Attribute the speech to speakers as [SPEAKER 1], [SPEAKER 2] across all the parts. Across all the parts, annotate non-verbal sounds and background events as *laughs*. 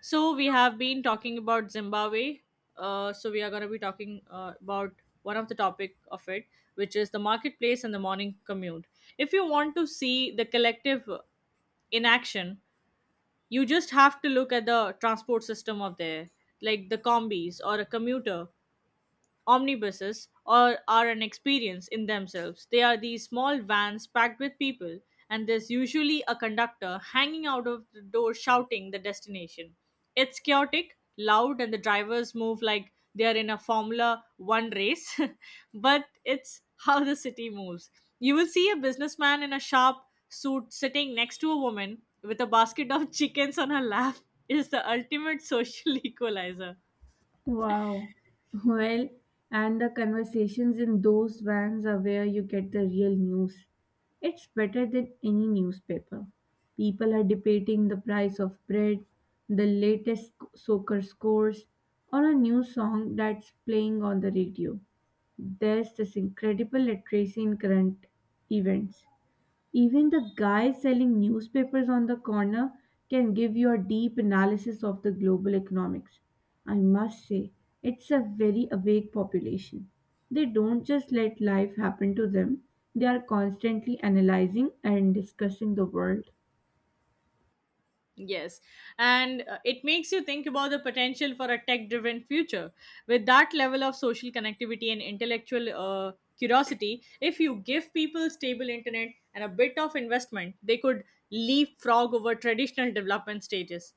[SPEAKER 1] So we have been talking about Zimbabwe. So we are going to be talking about one of the topic of it, which is the marketplace and the morning commute. If you want to see the collective in action, you just have to look at the transport system of there, like the combis or a commuter Omnibuses or are an experience in themselves. They are these small vans packed with people, and there's usually a conductor hanging out of the door shouting the destination. It's chaotic, loud, and the drivers move like they are in a Formula One race, *laughs* but it's how the city moves. You will see a businessman in a sharp suit sitting next to a woman with a basket of *laughs* chickens on her lap is the ultimate social *laughs* equalizer.
[SPEAKER 2] Wow. Well, and the conversations in those vans are where you get the real news. It's better than any newspaper. People are debating the price of bread, the latest soccer scores, or a new song that's playing on the radio. There's this incredible literacy in current events. Even the guy selling newspapers on the corner can give you a deep analysis of the global economics. I must say, it's a very awake population. They don't just let life happen to them, they are constantly analyzing and discussing the world.
[SPEAKER 1] Yes, and it makes you think about the potential for a tech driven future. With that level of social connectivity and intellectual curiosity, if you give people stable internet and a bit of investment, they could leapfrog over traditional development stages.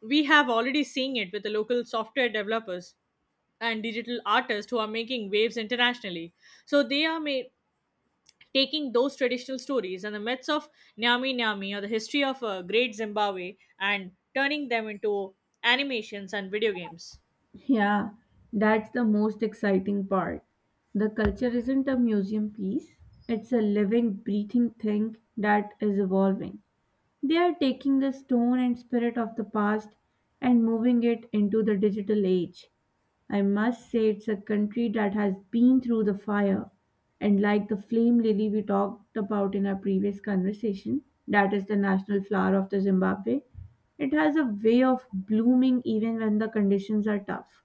[SPEAKER 1] We have already seen it with the local software developers and digital artists who are making waves internationally. So they are made taking those traditional stories and the myths of Nyami Nyami or the history of Great Zimbabwe and turning them into animations and video games.
[SPEAKER 2] Yeah, that's the most exciting part. The culture isn't a museum piece, it's a living, breathing thing that is evolving. They are taking the stone and spirit of the past and moving it into the digital age. I must say, it's a country that has been through the fire. And like the flame lily we talked about in our previous conversation, that is the national flower of the Zimbabwe, it has a way of blooming even when the conditions are tough.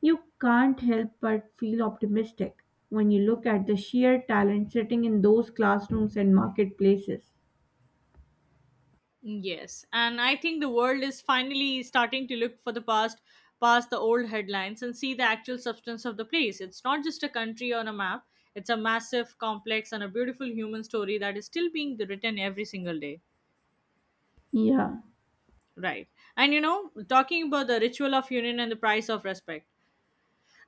[SPEAKER 2] You can't help but feel optimistic when you look at the sheer talent sitting in those classrooms and marketplaces.
[SPEAKER 1] Yes, and I think the world is finally starting to look past the old headlines and see the actual substance of the place. It's not just a country on a map, it's a massive, complex, and a beautiful human story that is still being written every single day.
[SPEAKER 2] Yeah.
[SPEAKER 1] Right. And you know, talking about the ritual of union and the price of respect.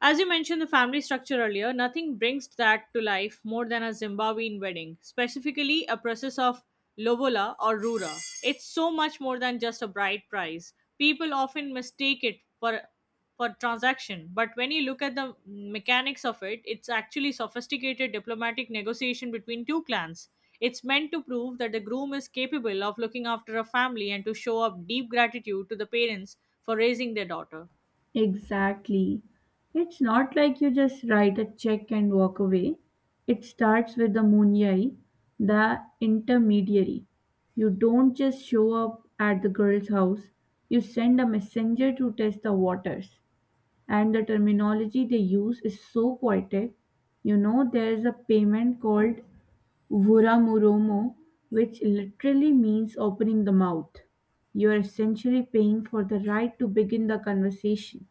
[SPEAKER 1] As you mentioned the family structure earlier, nothing brings that to life more than a Zimbabwean wedding, specifically a process of lobola or rura. It's so much more than just a bride price. People often mistake it for transaction, but when you look at the mechanics of it, it's actually sophisticated diplomatic negotiation between two clans. It's meant to prove that the groom is capable of looking after a family and to show up deep gratitude to the parents for raising their daughter.
[SPEAKER 2] Exactly. It's not like you just write a check and walk away. It starts with the Munyai, the intermediary. You don't just show up at the girl's house, you send a messenger to test the waters. And the terminology they use is so poetic. You know, there is a payment called "Vuramuromo", which literally means "opening the mouth", you're essentially paying for the right to begin the conversation.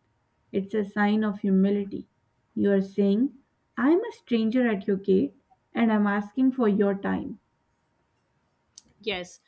[SPEAKER 2] It's a sign of humility. You're saying, "I'm a stranger at your gate, and I'm asking for your time."
[SPEAKER 1] Yes.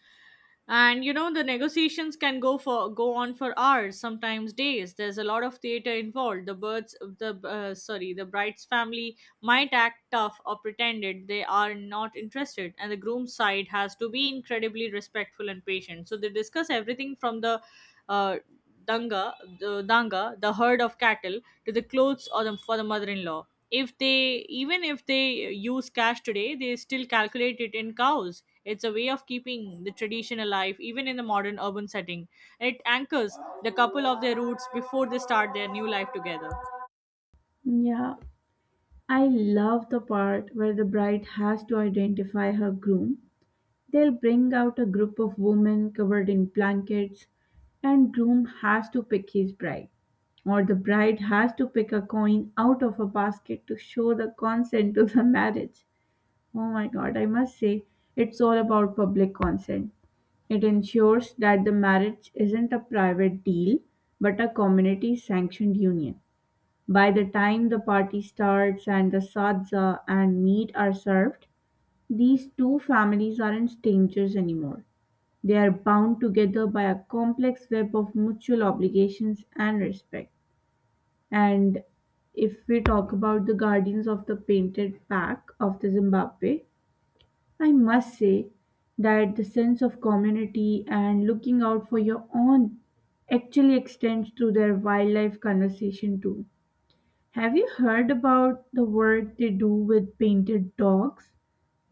[SPEAKER 1] And you know the negotiations can go on for hours, sometimes days. There's a lot of theater involved. The birds, the sorry, the bride's family might act tough or pretended they are not interested, and the groom's side has to be incredibly respectful and patient. So they discuss everything from the uh, danga, danga, the herd of cattle to the clothes or the, for the mother-in-law. If they even if they use cash today, they still calculate it in cows. It's a way of keeping the tradition alive even in the modern urban setting. It anchors the couple of their roots before they start their new life together.
[SPEAKER 2] Yeah, I love the part where the bride has to identify her groom. They'll bring out a group of women covered in blankets, and groom has to pick his bride, or the bride has to pick a coin out of a basket to show the consent to the *laughs* marriage. Oh my god, I must say, it's all about public consent. It ensures that the marriage isn't a private deal, but a community sanctioned union. By the time the party starts and the sadza and meat are served, these two families aren't strangers anymore. They are bound together by a complex web of mutual obligations and respect. And if we talk about the guardians of the painted back of the Zimbabwe, I must say that the sense of community and looking out for your own actually extends through their wildlife conversation too. Have you heard about the work they do with painted dogs?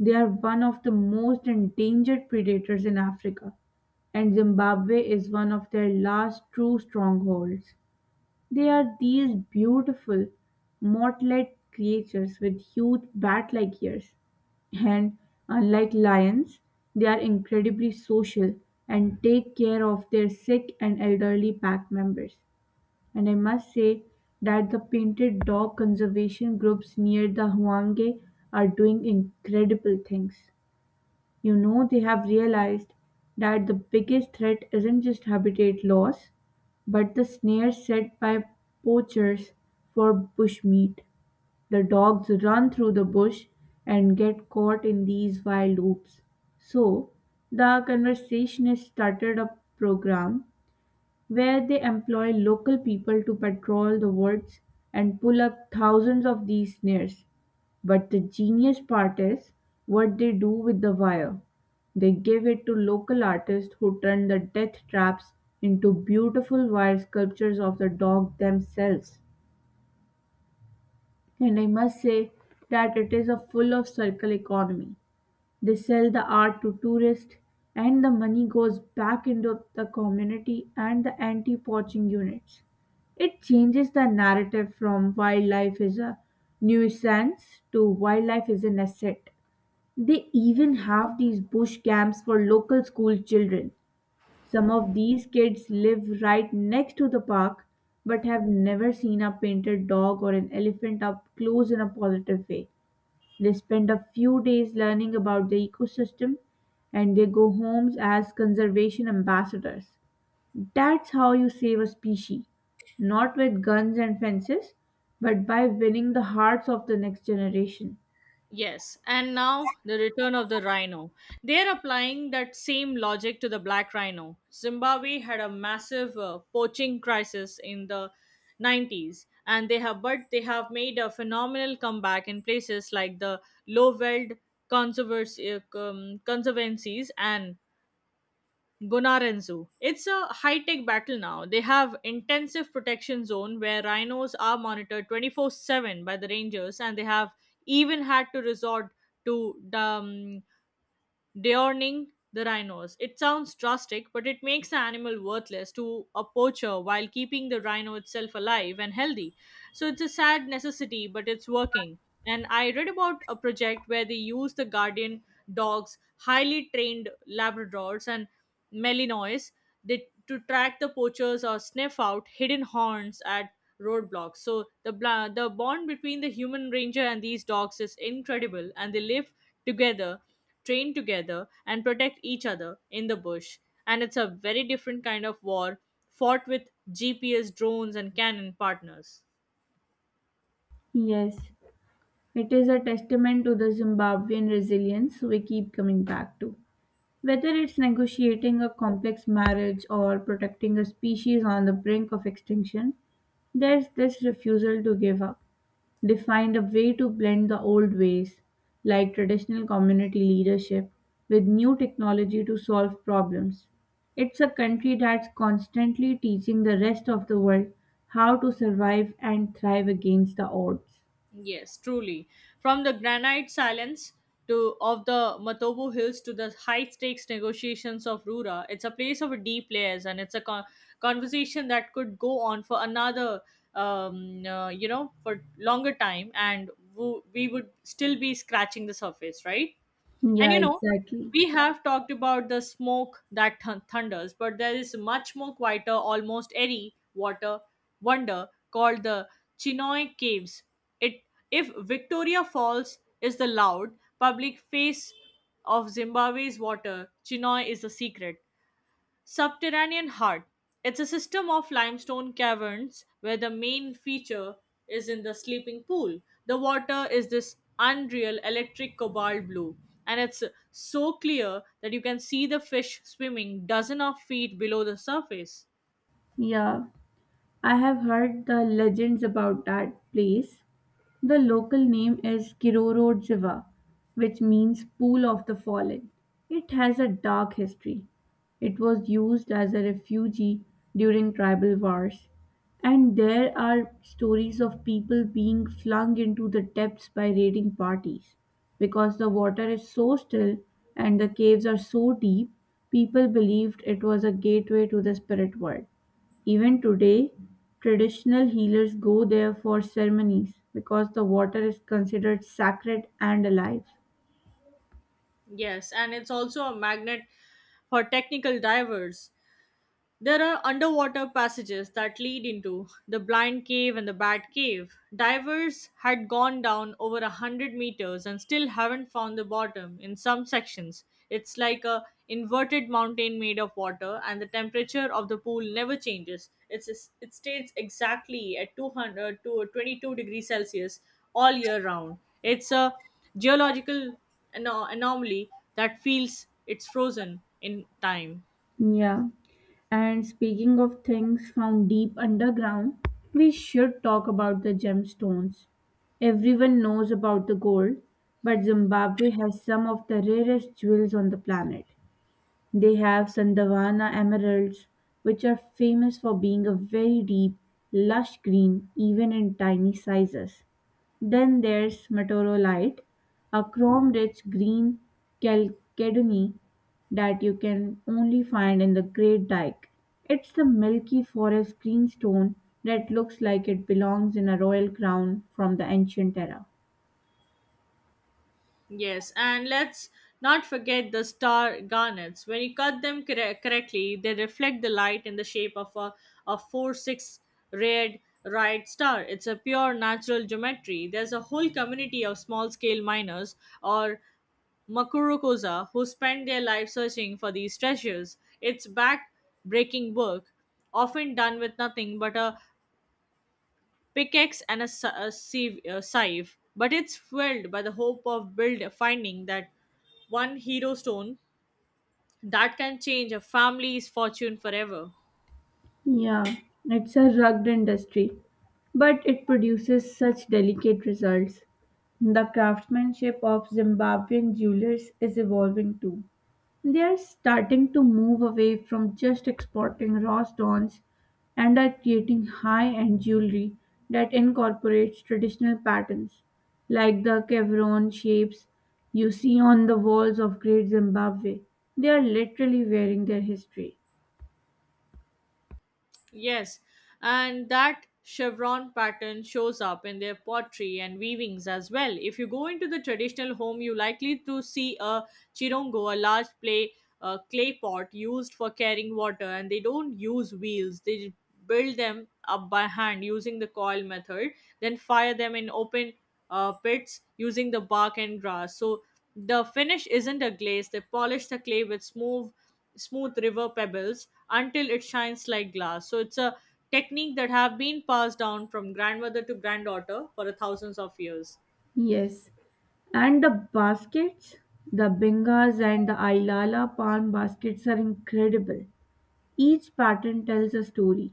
[SPEAKER 2] They are one of the most endangered predators in Africa, and Zimbabwe is one of their last true strongholds. They are these beautiful, mottled creatures with huge bat like ears. And unlike lions, they are incredibly social and take care of their sick and elderly pack members. And I must say that the painted dog conservation groups near the Huanghe are doing incredible things. You know, they have realized that the biggest threat isn't just habitat loss, but the snare set by poachers for bushmeat. The dogs run through the bush and get caught in these wild loops. So, the conversationist started a program where they employ local people to patrol the woods and pull up thousands of these snares. But the genius part is what they do with the wire. They give it to local artists who turn the death traps into beautiful wire sculptures of the dog themselves. And I must say that it is a full of circle economy. They sell the art to tourists and the money goes back into the community and the anti-poaching units. It changes the narrative from wildlife is a nuisance to wildlife is an asset. They even have these bush camps for local school children. Some of these kids live right next to the park but have never seen a painted dog or an elephant up close in a positive way. They spend a few days learning about the ecosystem and they go homes as conservation ambassadors. That's how you save a species, not with guns and fences, but by winning the hearts of the next generation.
[SPEAKER 1] Yes, and now the return of the rhino. They're applying that same logic to the black rhino. Zimbabwe had a massive poaching crisis in the 90s, and they have made a phenomenal comeback in places like the Lowveld Conservancies and Gonarenzu. It's a high tech battle now. They have intensive protection zone where rhinos are monitored 24/7 by the rangers, and they have even had to resort to um, deorning the rhinos. It sounds drastic, but it makes an animal worthless to a poacher while keeping the rhino itself alive and healthy. So it's a sad necessity, but it's working. And I read about a project where they used the guardian dogs, highly trained Labradors and Malinois, they, to track the poachers or sniff out hidden horns at roadblocks. So the the bond between the human ranger and these dogs is incredible, and they live together, train together, and protect each other in the bush. And it's a very different kind of war fought with GPS drones and cannon partners.
[SPEAKER 2] Yes, it is a testament to the Zimbabwean resilience we keep coming back to. Whether it's negotiating a complex marriage or protecting a species on the brink of extinction, there's this refusal to give up. They find a way to blend the old ways, like traditional community leadership, with new technology to solve problems. It's a country that's constantly teaching the rest of the world how to survive and thrive against the odds.
[SPEAKER 1] Yes, truly. From the granite silence to of the Matobo Hills to the high stakes negotiations of Rura, it's a place of deep layers, and it's a conversation that could go on for another, for longer time, and we would still be scratching the surface, right? And
[SPEAKER 2] Yeah,
[SPEAKER 1] you know,
[SPEAKER 2] exactly.
[SPEAKER 1] we have talked about the smoke that thunders, but there is much more quieter, almost airy water wonder called the Chinoy Caves. It, if Victoria Falls is the loud public face of Zimbabwe's water, Chinoy is the secret. Subterranean heart. It's a system of limestone caverns where the main feature is in the sleeping pool. The water is this unreal electric cobalt blue, and it's so clear that you can see the fish swimming dozen of feet below the surface.
[SPEAKER 2] Yeah, I have heard the legends about that place. The local name is Kirorojava, which means "pool of the fallen". It has a dark history. It was used as a refugee during tribal wars, and there are stories of people being flung into the depths by raiding parties. Because the water is so still and the caves are so deep, people believed it was a gateway to the spirit world. Even today, traditional healers go there for ceremonies because the water is considered sacred and alive.
[SPEAKER 1] Yes, and it's also a magnet for technical divers. There are underwater passages that lead into the blind cave and the bat cave. Divers had gone down over 100 meters and still haven't found the bottom in some sections. It's like a inverted mountain made of water and the temperature of the pool never changes. It stays exactly at 200 to 22 degrees Celsius all year round. It's a geological anomaly that feels it's frozen in time.
[SPEAKER 2] Yeah. And speaking of things found deep underground, we should talk about the gemstones. Everyone knows about the gold, but Zimbabwe has some of the rarest jewels on the planet. They have Sandavana emeralds, which are famous for being a very deep, lush green even in tiny sizes. Then there's Meteorolite, a chrome rich green chalcedony that you can only find in the Great Dyke. It's the milky forest green stone that looks like it belongs in a royal crown from the ancient era.
[SPEAKER 1] Yes, and let's not forget the star garnets. When you cut them correctly, they reflect the light in the shape of a 4 6 red right star. It's a pure natural geometry. There's a whole community of small scale miners or Makurokoza who spend their life searching for these treasures. It's back breaking work, often done with nothing but a pickaxe and a sieve, a scythe, but it's fueled by the hope of build finding that one hero stone that can change a family's fortune forever.
[SPEAKER 2] Yeah, it's a rugged industry, but it produces such delicate results. The craftsmanship of Zimbabwean jewelers is evolving too. They are starting to move away from just exporting raw stones and are creating high end jewelry that incorporates traditional patterns, like the chevron shapes you see on the walls of Great Zimbabwe. They are literally wearing their history.
[SPEAKER 1] Yes, and that chevron pattern shows up in their pottery and weavings as well. If you go into the traditional home, you're likely to see a chirongo, a large clay pot used for carrying water, and they don't use wheels. They build them up by hand using the coil method, then fire them in open pits using the bark and grass. So the finish isn't a glaze. They polish the clay with smooth river pebbles until it shines like glass, so it's a technique that have been passed down from grandmother to granddaughter for the thousands of years.
[SPEAKER 2] Yes, and the baskets, the Bengas and the Ailala palm baskets are incredible. Each pattern tells a story.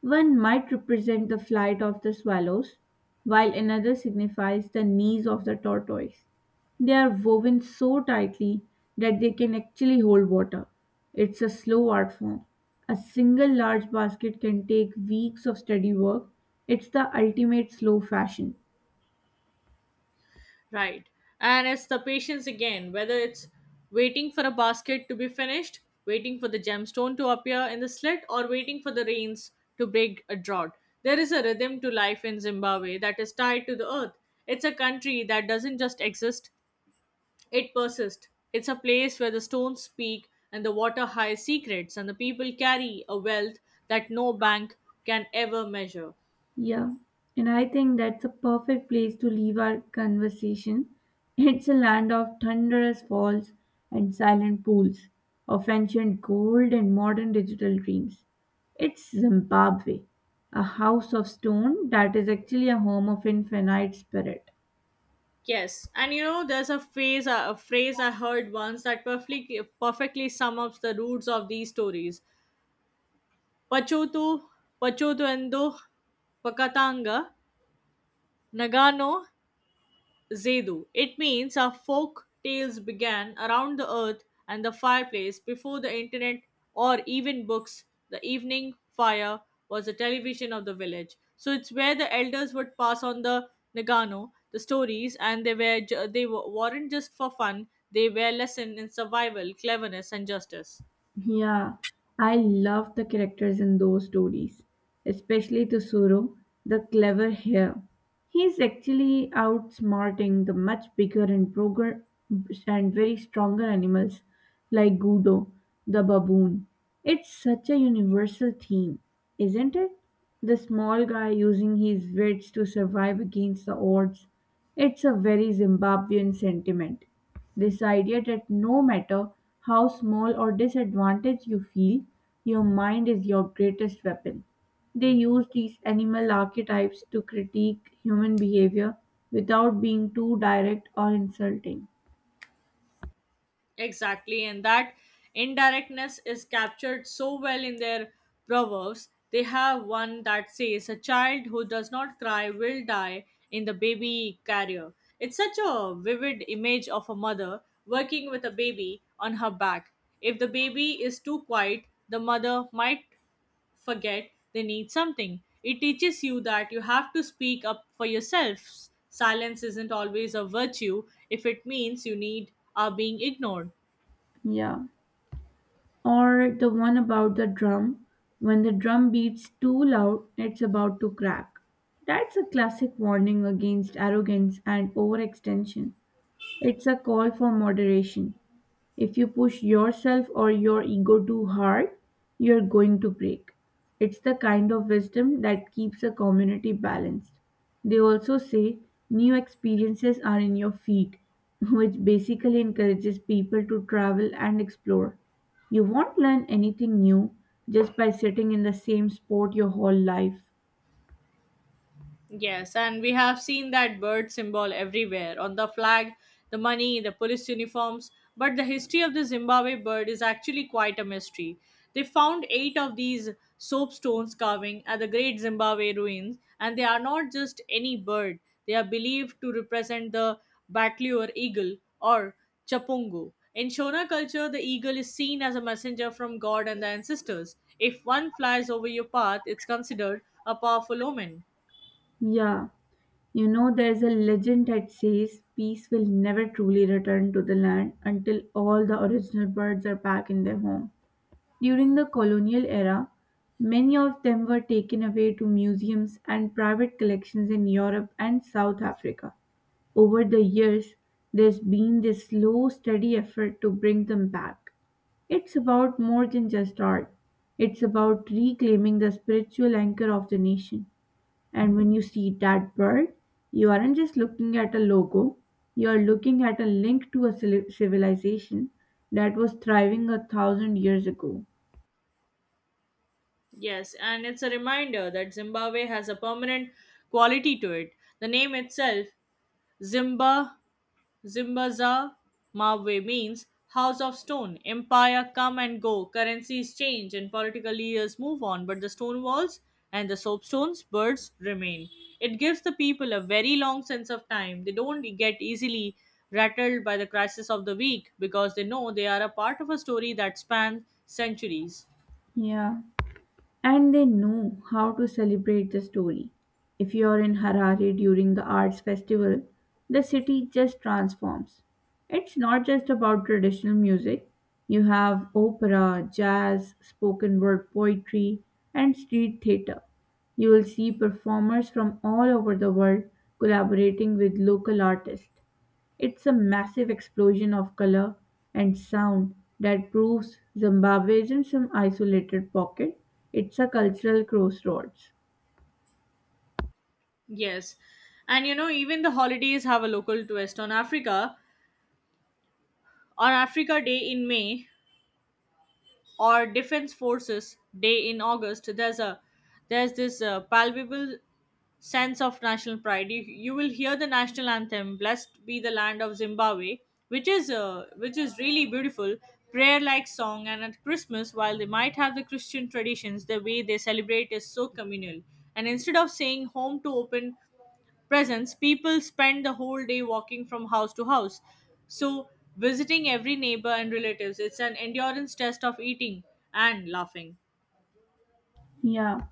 [SPEAKER 2] One might represent the flight of the swallows, while another signifies the knees of the tortoise. They are woven so tightly that they can actually hold water. It's a slow art form. A single large basket can take weeks of steady work. It's the ultimate slow fashion.
[SPEAKER 1] Right. And it's the patience again, whether it's waiting for a basket to be finished, waiting for the gemstone to appear in the slit, or waiting for the rains to break a drought. There is a rhythm to life in Zimbabwe that is tied to the earth. It's a country that doesn't just exist. It persists. It's a place where the stones speak and the water hides secrets, and the people carry a wealth that no bank can ever measure.
[SPEAKER 2] Yeah, and I think that's a perfect place to leave our conversation. It's a land of thunderous falls and silent pools, of ancient gold and modern digital dreams. It's Zimbabwe, a house of stone that is actually a home of infinite spirit.
[SPEAKER 1] Yes, and you know, there's a phrase I heard once that perfectly sum up the roots of these stories. Pachotu, Pachotuendo, Pakatanga, Nagano, Zedu. It means our folk tales began around the earth and the fireplace before the internet or even books. The evening fire was the television of the village. So it's where the elders would pass on the Nagano, the stories, and they weren't just for fun. They were lesson in survival, cleverness, and justice.
[SPEAKER 2] Yeah, I love the characters in those stories, especially Tsuru, the clever hare. He's actually outsmarting the much bigger and broger and very stronger animals like Gudo, the baboon. It's such a universal theme, isn't it? The small guy using his wits to survive against the odds. It's a very Zimbabwean sentiment. This idea that no matter how small or disadvantaged you feel, your mind is your greatest weapon. They use these animal archetypes to critique human behavior without being too direct or insulting.
[SPEAKER 1] Exactly, and that indirectness is captured so well in their proverbs. They have one that says, A child who does not cry will die in the baby carrier. It's such a vivid image of a mother working with a baby on her back. If the baby is too quiet, the mother might forget they need something. It teaches you that you have to speak up for yourselves. Silence isn't always a virtue if it means you need are being ignored.
[SPEAKER 2] Yeah. Or the one about the drum. When the drum beats too loud, it's about to crack. That's a classic warning against arrogance and overextension. It's a call for moderation. If you push yourself or your ego too hard, you're going to break. It's the kind of wisdom that keeps a community balanced. They also say new experiences are in your feet, *laughs* which basically encourages people to travel and explore. You won't learn anything new just by sitting in the same spot your whole life.
[SPEAKER 1] Yes, and we have seen that bird symbol everywhere on the flag, the money, the police uniforms. But the history of the Zimbabwe bird is actually quite a mystery. They found eight of these soapstones carving at the Great Zimbabwe ruins, and they are not just any bird. They are believed to represent the battleor eagle or chapungo. In Shona culture, the eagle is seen as a messenger from God and the ancestors. If one flies over your path, it's considered a powerful omen.
[SPEAKER 2] Yeah, you know, there's a legend that says peace will never truly return to the land until all the original birds are back in their home. During the colonial era, many of them were taken away to museums and private collections in Europe and South Africa. Over the years, there's been this slow, steady effort to bring them back. It's about more than just art. It's about reclaiming the spiritual anchor of the nation. And when you see that bird, you aren't just looking at a logo, you're looking at a link to a civilization that was thriving a 1,000 years ago.
[SPEAKER 1] Yes, and it's a reminder that Zimbabwe has a permanent quality to it. The name itself, Zimba, Zimbaza, Mabwe means house of stone. Empire come and go, currencies change, and political leaders move on, but the stone walls and the soapstones, birds remain. It gives the people a very long sense of time. They don't get easily rattled by the crisis of the week because they know they are a part of a story that spans centuries.
[SPEAKER 2] Yeah, and they know how to celebrate the story. If you're in Harare during the arts festival, the city just transforms. It's not just about traditional music, you have opera, jazz, spoken word poetry, and street theater. You will see performers from all over the world collaborating with local artists. It's a massive explosion of color and sound that proves Zimbabwe isn't some isolated pocket. It's a cultural crossroads.
[SPEAKER 1] Yes. And you know, even the holidays have a local twist on Africa. On Africa Day in May or Defense Forces Day in August, there's this palpable sense of national pride. You will hear the national anthem, "Blessed be the land of Zimbabwe," which is really beautiful, prayer-like song. And at Christmas, while they might have the Christian traditions, the way they celebrate is so communal. And instead of saying "Home to open," presence, people spend the whole day walking from house to house. So, visiting every neighbor and relatives, it's an endurance test of eating and laughing.
[SPEAKER 2] Yeah.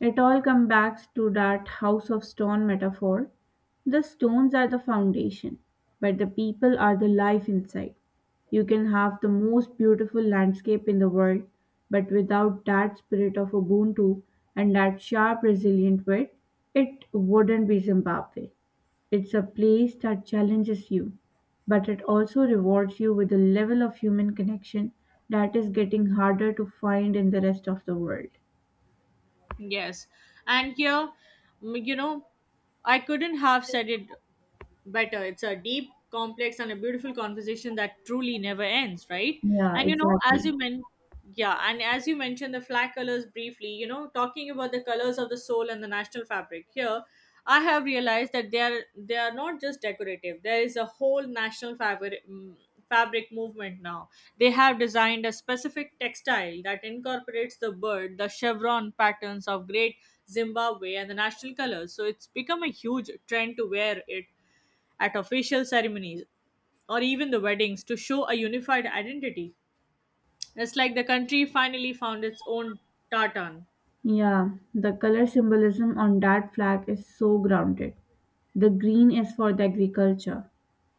[SPEAKER 2] It all comes back to that house of stone metaphor. The stones are the foundation, but the people are the life inside. You can have the most beautiful landscape in the world, but without that spirit of Ubuntu and that sharp, resilient wit, it wouldn't be Zimbabwe. It's a place that challenges you, but it also rewards you with a level of human connection that is getting harder to find in the rest of the world.
[SPEAKER 1] Yes. And here, mm, you know, I couldn't have said it better. It's a deep, complex, and a beautiful conversation that truly never ends, right?
[SPEAKER 2] Yeah,
[SPEAKER 1] And you know,
[SPEAKER 2] exactly.
[SPEAKER 1] as you mentioned, yeah, and as you mentioned the flag colors briefly, you know, talking about the colors of the soul and the national fabric here, I have realized that they are not just decorative. There is a whole national fabric fabric movement now. They have designed a specific textile that incorporates the bird, the chevron patterns of great Zimbabwe and the national colors. So it's become a huge trend to wear it at official ceremonies or even the weddings to show a unified identity. It's like the country finally found its own tartan.
[SPEAKER 2] Yeah, the color symbolism on that flag is so grounded. The green is for the agriculture,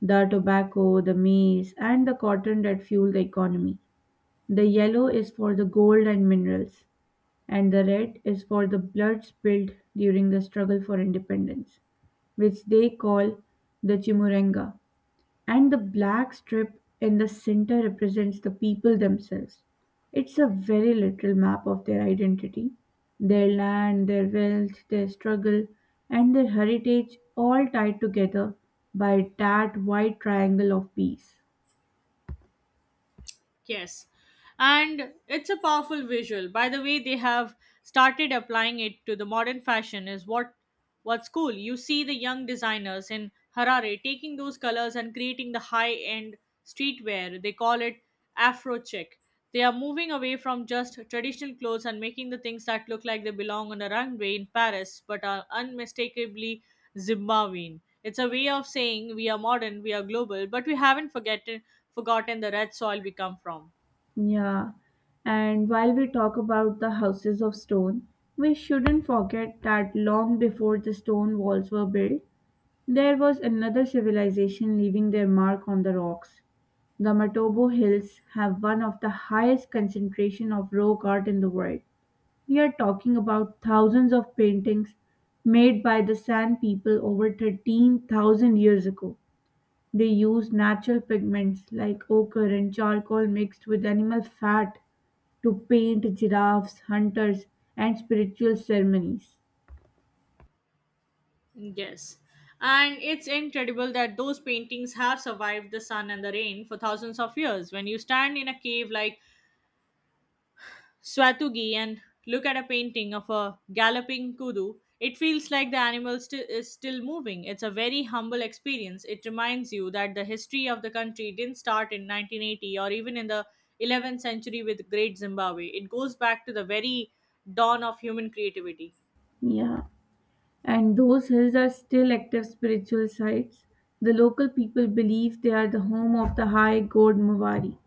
[SPEAKER 2] the tobacco, the maize, and the cotton that fuel the economy. The yellow is for the gold and minerals, and the red is for the blood spilled during the struggle for independence, which they call the chimurenga. And the black strip in the center represents the people themselves. It's a very literal map of their identity, their land, their wealth, their struggle, and their heritage, all tied together by that white triangle of peace.
[SPEAKER 1] Yes. And it's a powerful visual. By the way, they have started applying it to the modern fashion is what's cool. You see the young designers in Harare taking those colors and creating the high-end streetwear. They call it Afro chic. They are moving away from just traditional clothes and making the things that look like they belong on a runway in Paris but are unmistakably Zimbabwean. It's a way of saying we are modern, we are global, but we haven't forgotten the red soil we come from.
[SPEAKER 2] Yeah, and while we talk about the houses of stone, we shouldn't forget that long before the stone walls were built, there was another civilization leaving their mark on the rocks. The Matobo Hills have one of the highest concentration of rock art in the world. We are talking about thousands of paintings made by the San people over 13,000 years ago. They used natural pigments like ochre and charcoal mixed with animal fat to paint giraffes, hunters, and spiritual ceremonies.
[SPEAKER 1] Yes. And it's incredible that those paintings have survived the sun and the rain for thousands of years. When you stand in a cave like Swatugi and look at a painting of a galloping kudu, it feels like the animal is still moving. It's a very humble experience. It reminds you that the history of the country didn't start in 1980 or even in the 11th century with Great Zimbabwe. It goes back to the very dawn of human creativity.
[SPEAKER 2] Yeah, and those hills are still active spiritual sites. The local people believe they are the home of the high god Mawari.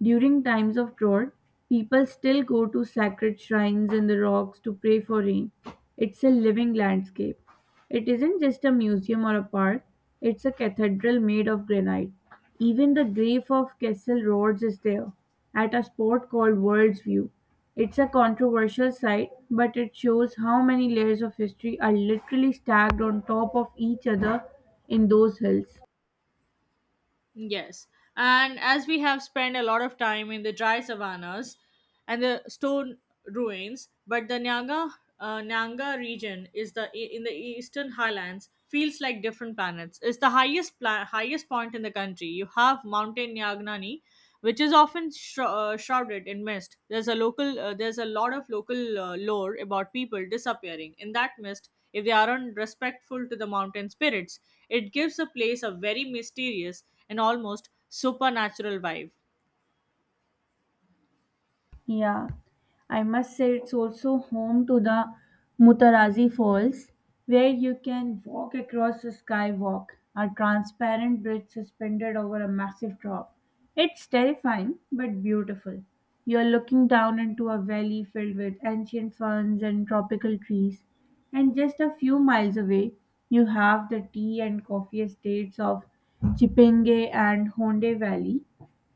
[SPEAKER 2] During times of drought, people still go to sacred shrines in the rocks to pray for rain. It's a living landscape. It isn't just a museum or a park, it's a cathedral made of granite. Even the grave of Kessel Rhodes is there, at a spot called World's View. It's a controversial site, but it shows how many layers of history are literally stacked on top of each other in those hills.
[SPEAKER 1] Yes. And as we have spent a lot of time in the dry savannas and the stone ruins, but the Nyanga region is the in the eastern highlands feels like different planets. It's the highest point in the country. You have mountain Nyagnani which is often shrouded in mist. There's a lot of local lore about people disappearing in that mist if they aren't respectful to the mountain spirits. It gives a place a very mysterious and almost supernatural vibe.
[SPEAKER 2] Yeah, I must say it's also home to the Mutarazi Falls, where you can walk across the skywalk, a transparent bridge suspended over a massive drop. It's terrifying but beautiful. You're looking down into a valley filled with ancient ferns and tropical trees. And just a few miles away, you have the tea and coffee estates of Chipinge and Honde Valley.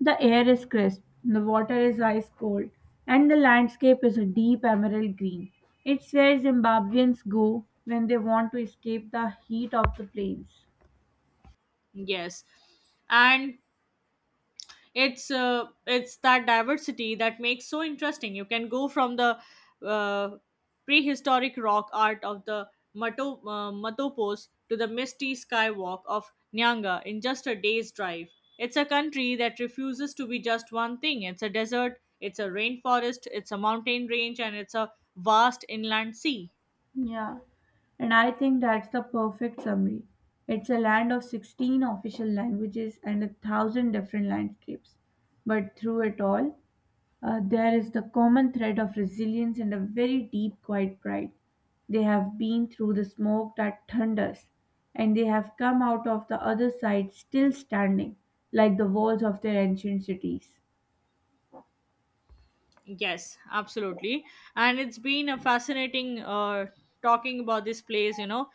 [SPEAKER 2] The air is crisp, the water is ice cold, and the landscape is a deep emerald green. It's where Zimbabweans go when they want to escape the heat of the plains.
[SPEAKER 1] Yes, and it's that diversity that makes so interesting. You can go from the uh, prehistoric rock art of the matopos to the misty skywalk of nyanga in just a day's drive. It's a country that refuses to be just one thing. It's a desert, it's a rainforest, it's a mountain range, and it's a vast inland sea.
[SPEAKER 2] Yeah, and I think that's the perfect summary. It's a land of 16 official languages and a thousand different landscapes. But through it all, there is the common thread of resilience and a very deep, quiet pride. They have been through the smoke that thunders, and they have come out of the other side still standing, like the walls of their ancient cities.
[SPEAKER 1] Yes, absolutely. And it's been a fascinating talking about this place, you know.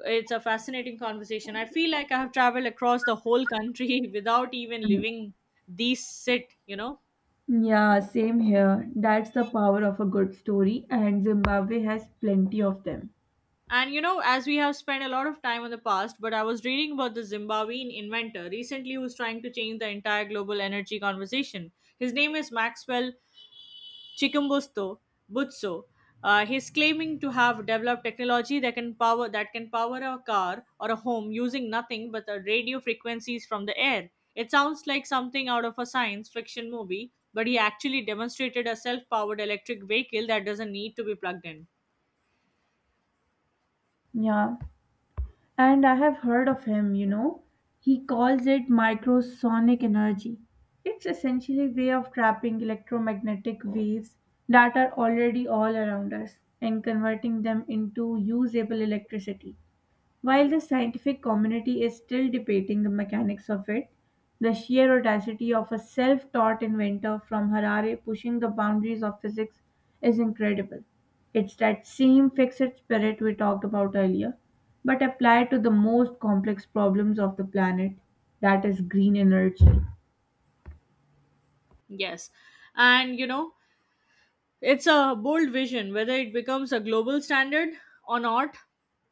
[SPEAKER 1] It's a fascinating conversation. I feel like I have traveled across the whole country *laughs* without even
[SPEAKER 2] *laughs*
[SPEAKER 1] leaving these sit, you know.
[SPEAKER 2] Yeah, same here. That's the power of a good story, and Zimbabwe has plenty of them.
[SPEAKER 1] And you know, as we have spent a lot of time on the past, but I was reading about the Zimbabwean inventor recently who's trying to change the entire global energy conversation. His name is Maxwell Chikumbutso, Butsu. He's claiming to have developed technology that can power a car or a home using nothing but the radio frequencies from the air. It sounds like something out of a science fiction movie, but he actually demonstrated a self-powered electric vehicle that doesn't need to be plugged in.
[SPEAKER 2] Yeah, and I have heard of him, you know. He calls it microsonic energy. It's essentially a way of trapping electromagnetic waves that are already all around us and converting them into usable electricity. While the scientific community is still debating the mechanics of it, the sheer audacity of a self taught inventor from Harare pushing the boundaries of physics is incredible. It's that same fixed spirit we talked about earlier, but applied to the most complex problems of the planet that is, green energy.
[SPEAKER 1] Yes, and you know, it's a bold vision. Whether it becomes a global standard or not,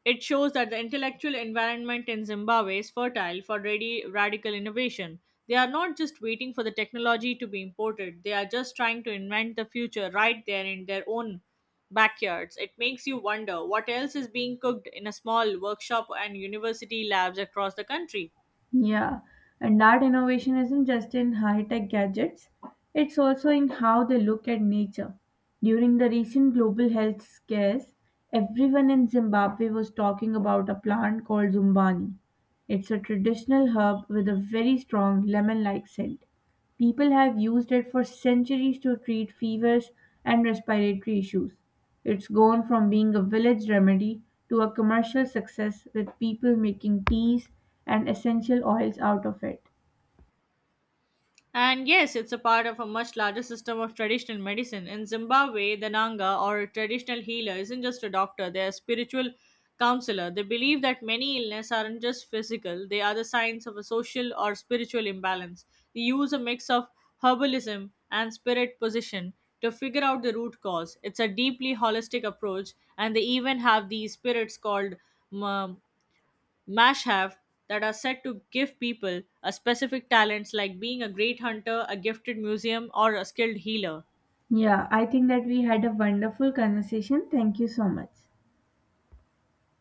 [SPEAKER 1] it shows that the intellectual environment in Zimbabwe is fertile for ready radical innovation. They are not just waiting for the technology to be imported, they are just trying to invent the future right there in their own backyards. It makes you wonder what else is being cooked in a small workshop and university labs across the country.
[SPEAKER 2] Yeah, and that innovation isn't just in high tech gadgets, it's also in how they look at nature. During the recent global health scares, everyone in Zimbabwe was talking about a plant called Zumbani. It's a traditional herb with a very strong lemon like scent. People have used it for centuries to treat fevers and respiratory issues. It's gone from being a village remedy to a commercial success with people making teas and essential oils out of it.
[SPEAKER 1] And yes, it's a part of a much larger system of traditional medicine. In Zimbabwe, the Nanga or a traditional healer isn't just a doctor, they're a spiritual counselor. They believe that many illnesses aren't just physical, they are the signs of a social or spiritual imbalance. They use a mix of herbalism and spirit position to figure out the root cause. It's a deeply holistic approach, and they even have these spirits called um, Mash have that are said to give people a specific talents like being a great hunter, a gifted museum, or a skilled healer.
[SPEAKER 2] Yeah, I think that we had a wonderful conversation. Thank you so much.